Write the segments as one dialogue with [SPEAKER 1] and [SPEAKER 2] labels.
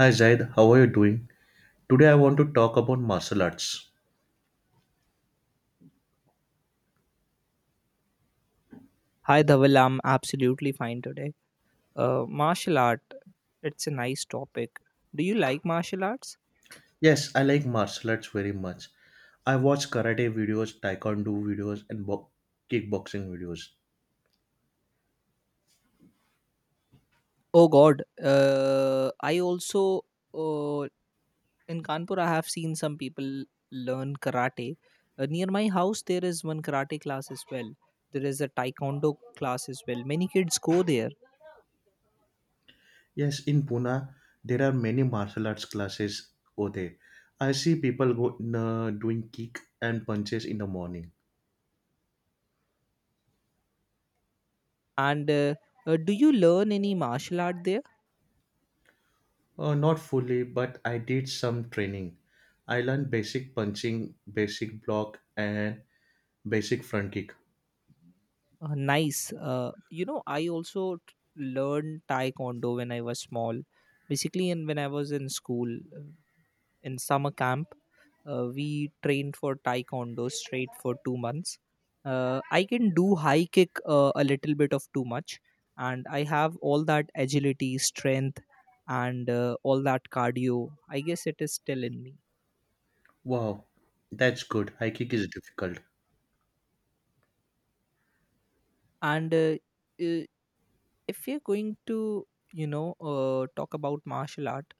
[SPEAKER 1] Hi Zaid, how are you doing? Today I want to talk about martial arts.
[SPEAKER 2] Hi, Dhaval. I'm absolutely fine today. Martial art, it's a nice topic. Do you like martial arts?
[SPEAKER 1] Yes, I like martial arts very much. I watch karate videos, taekwondo videos, and kickboxing videos.
[SPEAKER 2] Oh, God. I also, uh, in Kanpur, I have seen some people learn karate. Near my house, there is one karate class as well. There is a taekwondo class as well. Many kids go there.
[SPEAKER 1] Yes, in Pune, there are many martial arts classes over there. I see people doing kick and punches in the morning.
[SPEAKER 2] And Do you learn any martial art there?
[SPEAKER 1] Not fully, but I did some training. I learned basic punching, basic block, and basic front kick.
[SPEAKER 2] Nice. You know, I also learned Taekwondo when I was small. Basically, and when I was in school, uh, in summer camp, we trained for Taekwondo straight for 2 months. I can do high kick a little bit of too much, and I have all that agility, strength, and all that cardio. I guess it is still in me.
[SPEAKER 1] Wow, that's good. High kick is difficult.
[SPEAKER 2] And uh, if we are going to, talk about martial art,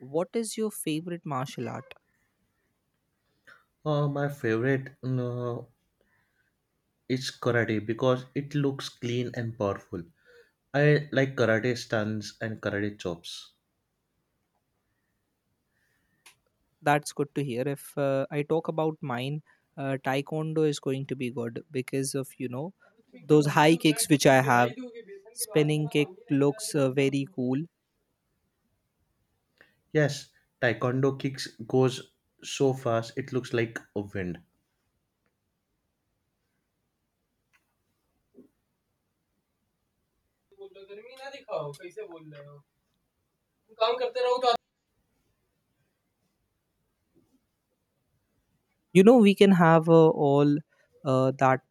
[SPEAKER 2] what is your favorite martial art?
[SPEAKER 1] My favorite is karate because it looks clean and powerful. I like karate stunts and karate chops.
[SPEAKER 2] That's good to hear. If I talk about mine, taekwondo is going to be good because of, you know, those high kicks which I have. Spinning kick looks very cool.
[SPEAKER 1] Yes, taekwondo kicks goes so fast it looks like a wind.
[SPEAKER 2] You know, we can have all that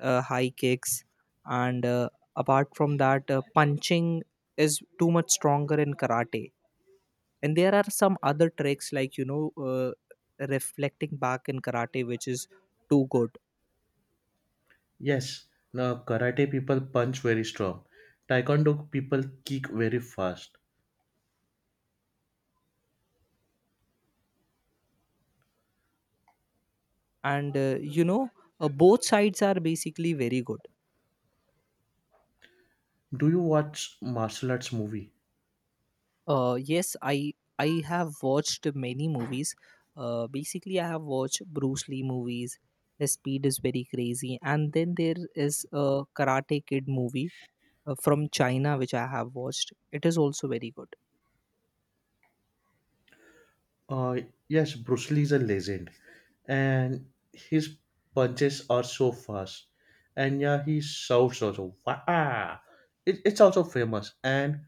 [SPEAKER 2] high kicks, and apart from that, punching is too much stronger in karate. And there are some other tricks, like, you know, reflecting back in karate, which is too good.
[SPEAKER 1] Yes, now karate people punch very strong. Taekwondo people kick very fast.
[SPEAKER 2] And you know, both sides are basically very good.
[SPEAKER 1] Do you watch martial arts movie?
[SPEAKER 2] Yes, I have watched many movies. Basically, I have watched Bruce Lee movies. His speed is very crazy. And then there is a Karate Kid movie from China, which I have watched. It is also very good.
[SPEAKER 1] Uh, yes, Bruce Lee is a legend, and his punches are so fast, and yeah, he shouts also. Wow! It's also famous. And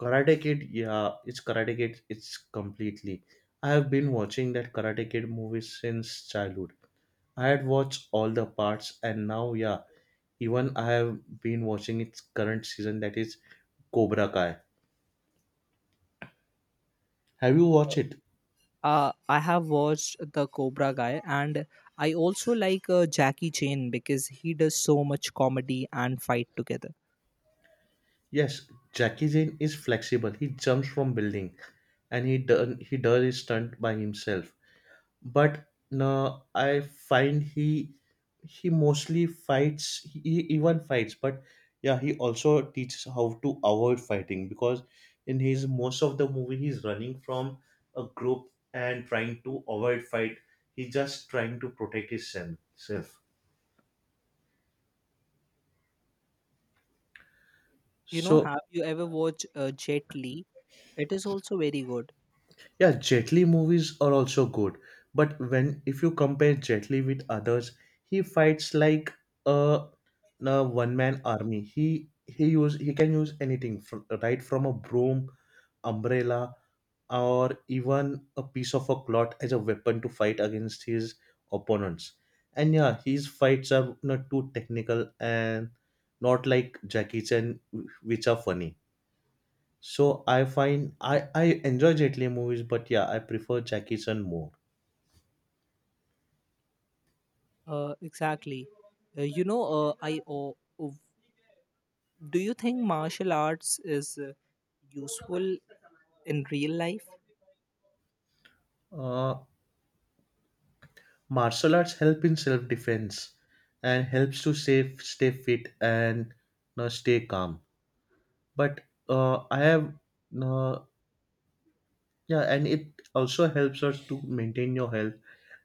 [SPEAKER 1] Karate Kid, yeah, it's Karate Kid. It's completely. I have been watching that Karate Kid movie since childhood. I had watched all the parts, and now yeah, even I have been watching its current season that is Cobra Kai. Have you watched it?
[SPEAKER 2] I have watched the Cobra Guy, and I also like Jackie Chan because he does so much comedy and fight together.
[SPEAKER 1] Yes, Jackie Jane is flexible. He jumps from building, and he does his stunt by himself. But no, I find he mostly fights. He even fights, but yeah, he also teaches how to avoid fighting because in his most of the movie he's running from a group and trying to avoid fight. He's just trying to protect his self.
[SPEAKER 2] You know,
[SPEAKER 1] So,
[SPEAKER 2] have you ever watched Jet Li? It is also very good.
[SPEAKER 1] yeah, Jet Li movies are also good, but when if you compare Jet Li with others, he fights like a, a one man army. He can use anything from, right from a broom, umbrella, or even a piece of a cloth as a weapon to fight against his opponents. And yeah, his fights are not too technical and not like Jackie Chan, which are funny. So I find I enjoy Jet Li movies, but yeah, I prefer Jackie Chan more.
[SPEAKER 2] Exactly. Uh, you know, uh, I o- o- do you think martial arts is useful in real life?
[SPEAKER 1] Uh, martial arts help in self defense and helps to save stay fit and stay calm. But I have uh, yeah, and it also helps us to maintain your health.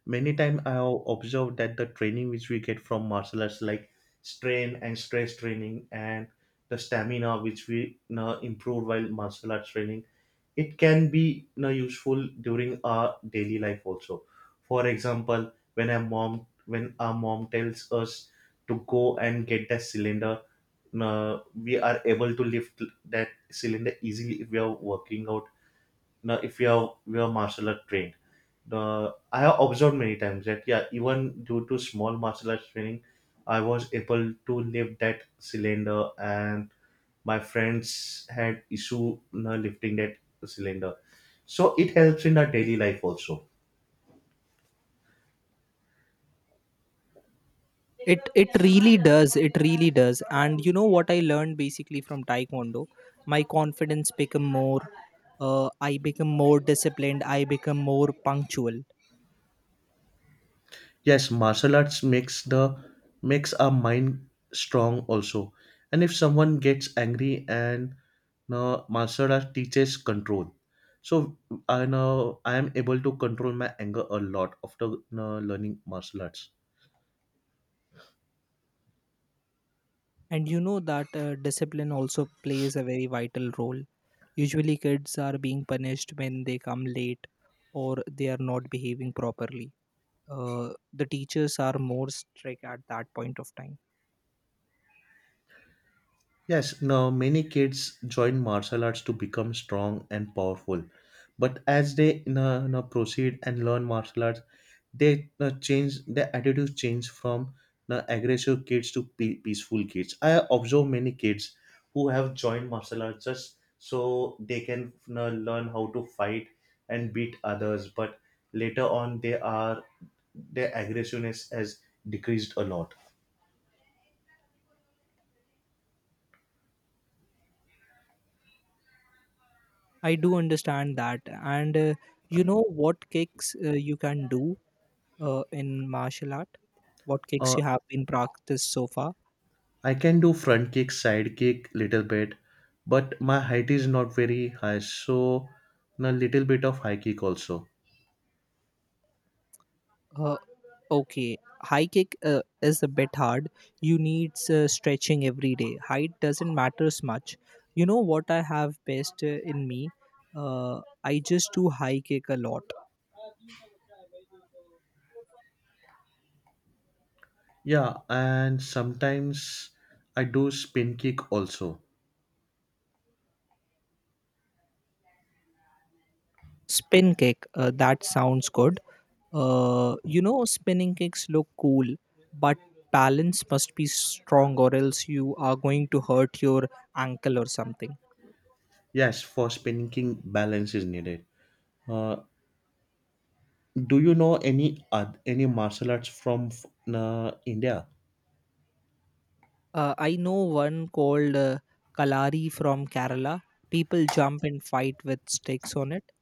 [SPEAKER 1] Many times I have observed that the training which we get from martial arts, like strain and stress training, and the stamina which we improve while martial arts training, it can be useful during our daily life also. For example, when our mom tells us to go and get that cylinder, we are able to lift that cylinder easily if we are working out. Now if you are we are martial art trained, the I have observed many times that yeah even due to small martial arts training I was able to lift that cylinder, and my friends had issue lifting that cylinder, so it helps in our daily life also.
[SPEAKER 2] It really does. It really does. And you know what I learned basically from Taekwondo, my confidence become more. I become more disciplined. I become more punctual.
[SPEAKER 1] Yes, martial arts makes our mind strong also. And if someone gets angry and no martial art teaches control. So I know I am able to control my anger a lot after no, learning martial arts.
[SPEAKER 2] And you know that discipline also plays a very vital role. Usually, kids are being punished when they come late or they are not behaving properly. The teachers are more strict at that point of time.
[SPEAKER 1] Yes, now many kids join martial arts to become strong and powerful. But as they proceed and learn martial arts, they you know, change their attitudes change from aggressive kids to peaceful kids. I observe many kids who have joined martial arts just so they can learn how to fight and beat others. But later on, they are their aggressiveness has decreased a lot.
[SPEAKER 2] I do understand that. And you know what kicks you can do in martial art? What kicks you have been practiced so far?
[SPEAKER 1] I can do front kick, side kick, little bit, but my height is not very high, so a little bit of high kick also.
[SPEAKER 2] Uh, Okay, high kick is a bit hard. You need stretching every day. Height doesn't matters much. You know what I have best in me? I just do high kick a lot.
[SPEAKER 1] Yeah, and sometimes I do spin kick also.
[SPEAKER 2] Spin kick, that sounds good. You know, spinning kicks look cool, but balance must be strong, or else you are going to hurt your ankle or something.
[SPEAKER 1] Yes, for spin kick balance is needed. Uh, do you know any any martial arts from India?
[SPEAKER 2] I know one called Kalari, from Kerala. People jump and fight with sticks on it.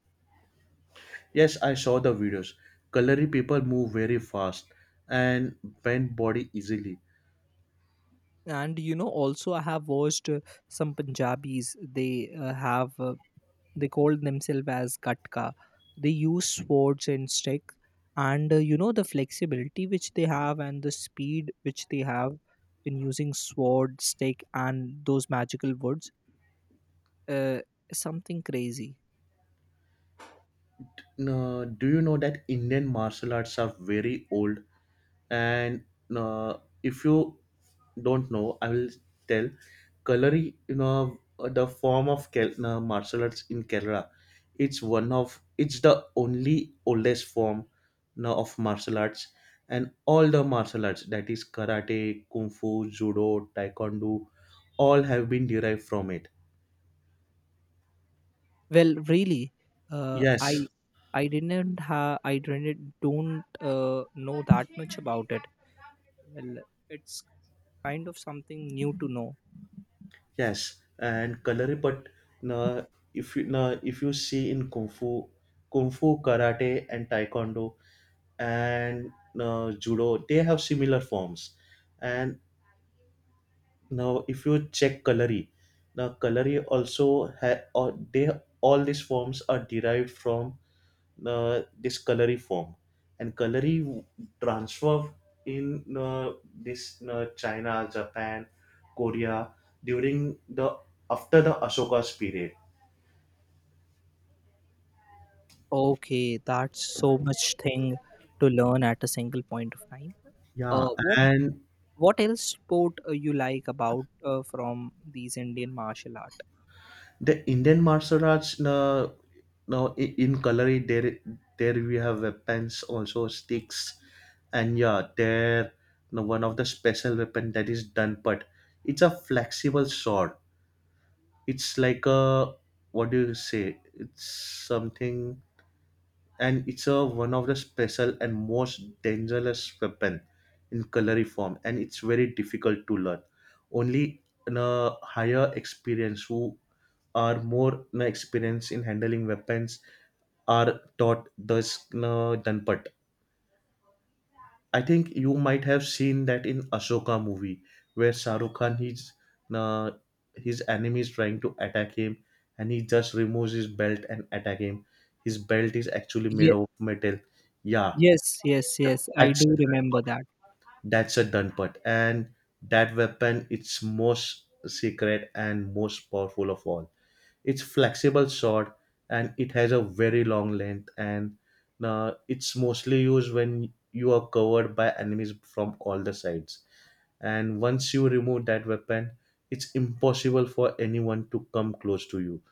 [SPEAKER 1] Yes, I saw the videos. Kalari people move very fast and bend body easily.
[SPEAKER 2] And you know, also I have watched some Punjabis. They have they called themselves as Katka. They use swords and stick, and you know, the flexibility which they have and the speed which they have in using sword, stick, and those magical woods. Uh, Something crazy.
[SPEAKER 1] Do you know that Indian martial arts are very old, and uh, if you don't know, I will tell. Kalari, the form of martial arts in Kerala, it's one of it's the only oldest form now of martial arts, and all the martial arts that is karate, kung fu, judo, taekwondo, all have been derived from it.
[SPEAKER 2] Well, really, uh, I
[SPEAKER 1] Yes,
[SPEAKER 2] I didn't don't know that much about it. Well, it's kind of something new to know.
[SPEAKER 1] yes, and Kalari. But na na if you see in Kung Fu, Kung Fu, Karate, and Taekwondo, and judo they have similar forms. And now if you check Kalari, now Kalari also ha- or they all these forms are derived from this Kalari form. And Kalari transfer in this China, Japan, Korea, during the after the Ashoka's period.
[SPEAKER 2] Okay, that's so much thing to learn at a single point of time.
[SPEAKER 1] Yeah,
[SPEAKER 2] Uh, what
[SPEAKER 1] and
[SPEAKER 2] what else sport you like about from these Indian martial art?
[SPEAKER 1] the Indian martial arts, in Kalari, there we have weapons, also sticks, and yeah, there now one of the special weapon that is Danpat. It's a flexible sword. It's like a, what do you say? It's something, and it's a one of the special and most dangerous weapon in Kalari form, and it's very difficult to learn. Only in a higher experience who are more experienced in handling weapons are taught thus Danpat. I think you might have seen that in Ashoka movie where Shahrukh Khan uh, his enemy is trying to attack him, and he just removes his belt and attack him. His belt is actually made
[SPEAKER 2] Yeah,
[SPEAKER 1] of metal. Yeah,
[SPEAKER 2] yes, yes. I
[SPEAKER 1] that's a
[SPEAKER 2] do remember
[SPEAKER 1] Danpat.
[SPEAKER 2] that.
[SPEAKER 1] That's a done part. And that weapon, it's most secret and most powerful of all. It's flexible sword and it has a very long length, and it's mostly used when you are covered by enemies from all the sides. And once you remove that weapon, it's impossible for anyone to come close to you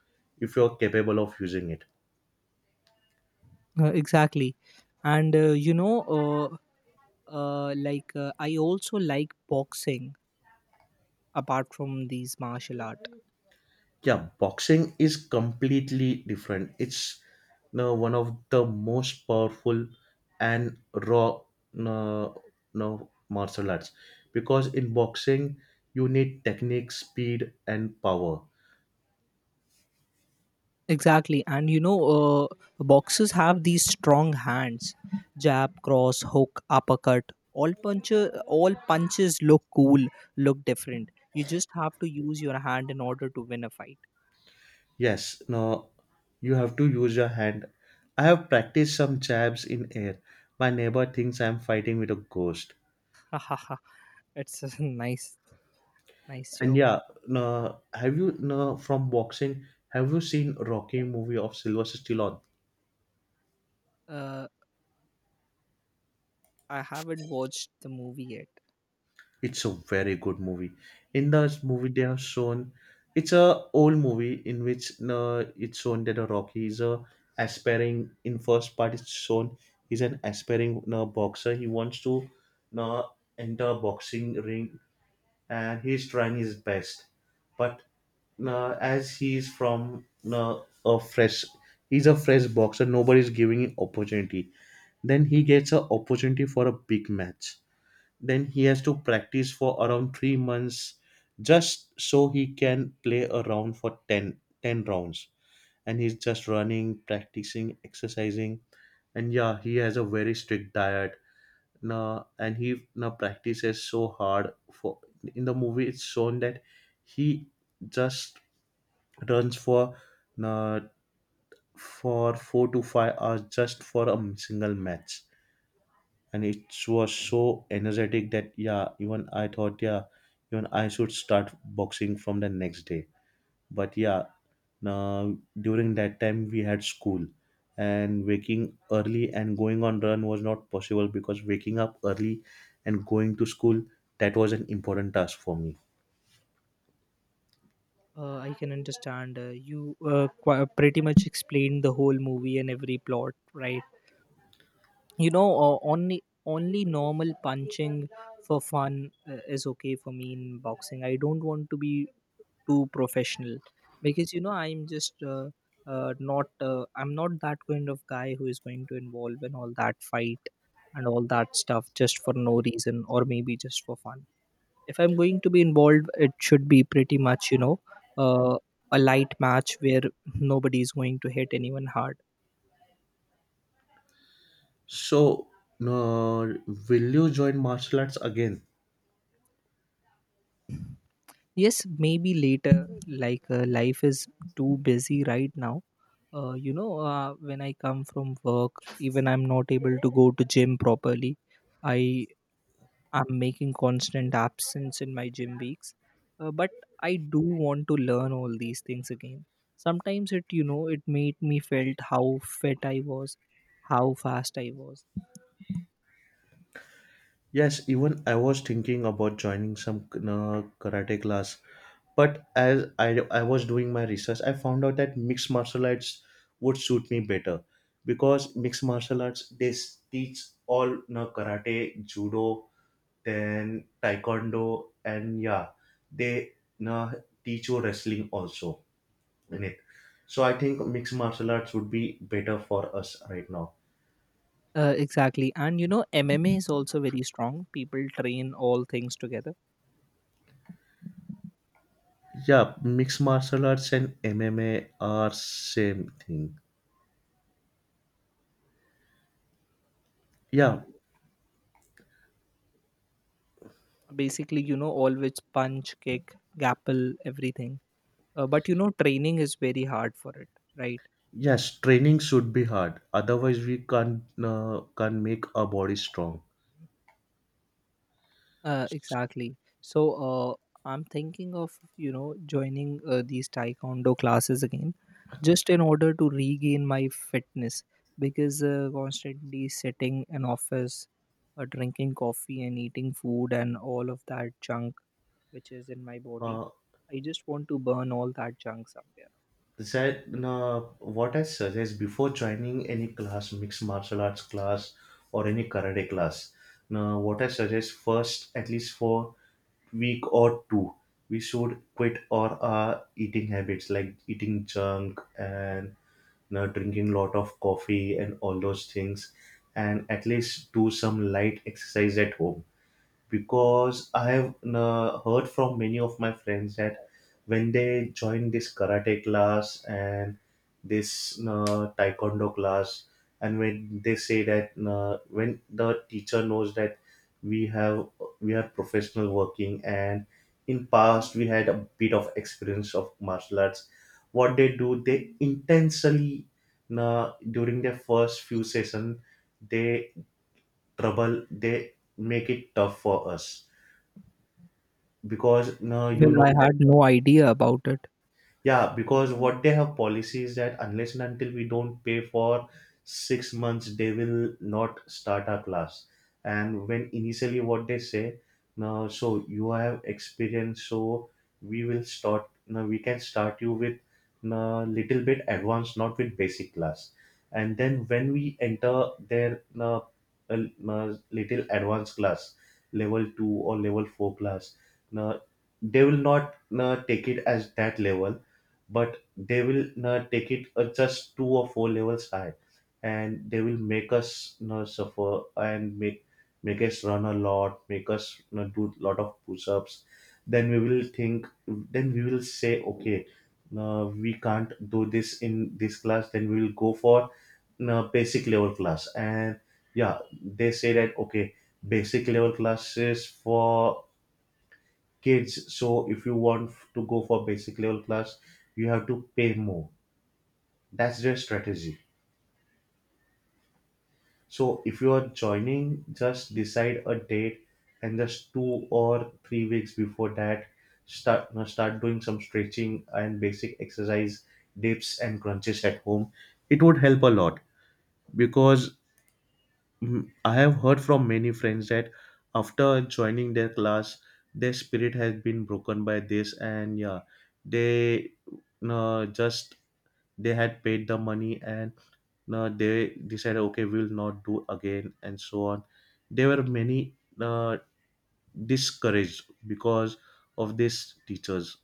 [SPEAKER 1] if you're capable of using it.
[SPEAKER 2] Exactly. And I also like boxing, apart from these martial art.
[SPEAKER 1] Yeah, boxing is completely different. It's no one of the most powerful and raw no, no martial arts, because in boxing you need technique, speed, and power.
[SPEAKER 2] Exactly. And you know, boxers have these strong hands. Jab, cross, hook, uppercut, all puncher, all punches look cool, look different. You just have to use your hand in order to win a fight.
[SPEAKER 1] Yes, no you have to use your hand. I have practiced some jabs in air. My neighbor thinks I'm fighting with a ghost.
[SPEAKER 2] It's a nice
[SPEAKER 1] And
[SPEAKER 2] joke.
[SPEAKER 1] yeah, no have you no from boxing, have you seen Rocky movie of Sylvester Stallone?
[SPEAKER 2] Uh, i haven't watched the movie yet.
[SPEAKER 1] It's a very good movie. In this movie, they have shown it's a old movie in which it's shown that a Rocky is a aspiring. In first part, it's shown he's an aspiring boxer. He wants to uh, enter boxing ring and he's trying his best, but as he's from uh, a fresh, he's a fresh boxer. Nobody's giving him opportunity. Then he gets a opportunity for a big match, then he has to practice for around 3 months just so he can play a round for 10 rounds, and he's just running, practicing, exercising. And yeah, he has a very strict diet. Now and he now practices so hard for, in the movie it's shown that he just runs for uh, 4 to 5 hours just for a single match. And it was so energetic that yeah even I thought yeah even I should start boxing from the next day. But yeah, now during that time we had school, and waking early and going on run was not possible because waking up early and going to school, that was an important task for me.
[SPEAKER 2] I can understand. You pretty much explained the whole movie and every plot, right? You know, only normal punching for fun is okay for me. In boxing, I don't want to be too professional, because, you know, I'm just not I'm not that kind of guy who is going to involve in all that fight and all that stuff just for no reason, or maybe just for fun. If I'm going to be involved, it should be pretty much, you know, uh, a light match where nobody is going to hit anyone hard.
[SPEAKER 1] So, no will you join martial arts again?
[SPEAKER 2] Yes, maybe later. Like, life is too busy right now. When I come from work, even I'm not able to go to gym properly. I am making constant absence in my gym weeks. But I do want to learn all these things again. Sometimes, it you know, it made me felt how fit I was, how fast I was.
[SPEAKER 1] Yes, even I was thinking about joining some karate class, but as I was doing my research, I found out that mixed martial arts would suit me better because mixed martial arts teach all karate, judo, then taekwondo, and yeah, they you know, teach you wrestling also in it. So I think mixed martial arts would be better for us right now.
[SPEAKER 2] Exactly. And you know, MMA is also very strong. People train all things together.
[SPEAKER 1] Yeah, mixed martial arts and MMA are same thing.
[SPEAKER 2] Mm,
[SPEAKER 1] Yeah,
[SPEAKER 2] basically, you know, always punch, kick, grapple, everything. But you know, training is very hard for it, right?
[SPEAKER 1] yes, training should be hard. Otherwise, we can't make our body strong.
[SPEAKER 2] Exactly. So I'm thinking of, you know, joining these taekwondo classes again, just in order to regain my fitness. Because constantly sitting in office, drinking coffee and eating food and all of that junk which is in my body,
[SPEAKER 1] Uh,
[SPEAKER 2] I just want to burn all that junk somewhere.
[SPEAKER 1] that What I suggest before joining any class, mixed martial arts class or any karate class. Now, what I suggest first, at least for week or two, we should quit all our eating habits like eating junk and drinking lot of coffee and all those things, and at least do some light exercise at home because I have heard from many of my friends that when they join this karate class and this taekwondo class, and when they say that when the teacher knows that we have we are professional working and in past we had a bit of experience of martial arts, what they do they intentionally during their first few sessions they trouble they make it tough for us because no, you
[SPEAKER 2] Well, I
[SPEAKER 1] know.
[SPEAKER 2] had no idea about it.
[SPEAKER 1] Yeah, because what they have policy is that unless and until we don't pay for 6 months, they will not start our class. And when initially what they say, now so you have experience, so we will start. Now we can start you with a little bit advanced, not with basic class. And then when we enter their uh, little advanced class, level two or level four class, now they will not take it as that level, but they will take it just two or four levels high, and they will make us you suffer and make us run a lot, make us you do a lot of push-ups. Then we will say okay, we can't do this in this class, then we will go for basic level class, and yeah they say that okay, basic level classes for kids. So if you want to go for basic level class, you have to pay more. That's their strategy. So if you are joining, just decide a date and just 2 or 3 weeks before that, start doing some stretching and basic exercise, dips and crunches at home. It would help a lot because, mhm, I have heard from many friends that after joining their class, their spirit has been broken by this, and yeah, they uh, just they had paid the money, and they decided okay we will not do again and so on. There were many uh, discouraged because of these teachers.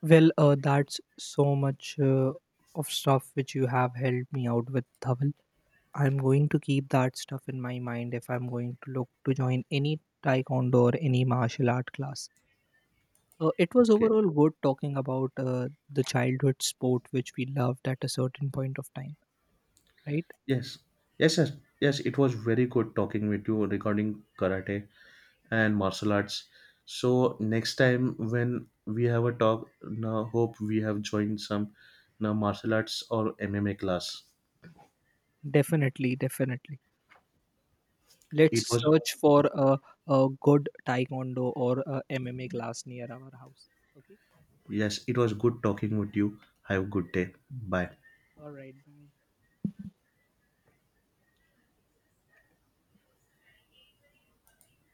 [SPEAKER 2] Well, that's so much of stuff which you have helped me out with, Dhaval. I'm going to keep that stuff in my mind if I'm going to look to join any taekwondo or any martial art class. It was
[SPEAKER 1] Okay.
[SPEAKER 2] overall good talking about the childhood sport which we loved at a certain point of time, right?
[SPEAKER 1] Yes. Yes. Yes. Yes. It was very good talking with you regarding karate and martial arts. So next time when we have a talk, now hope we have joined some now martial arts or MMA class.
[SPEAKER 2] Definitely, definitely.
[SPEAKER 1] It
[SPEAKER 2] Let's
[SPEAKER 1] was
[SPEAKER 2] search for a good taekwondo or a MMA class near our house. Okay.
[SPEAKER 1] Yes, it was good talking with you. Have a good day. Bye.
[SPEAKER 2] All right. Bye.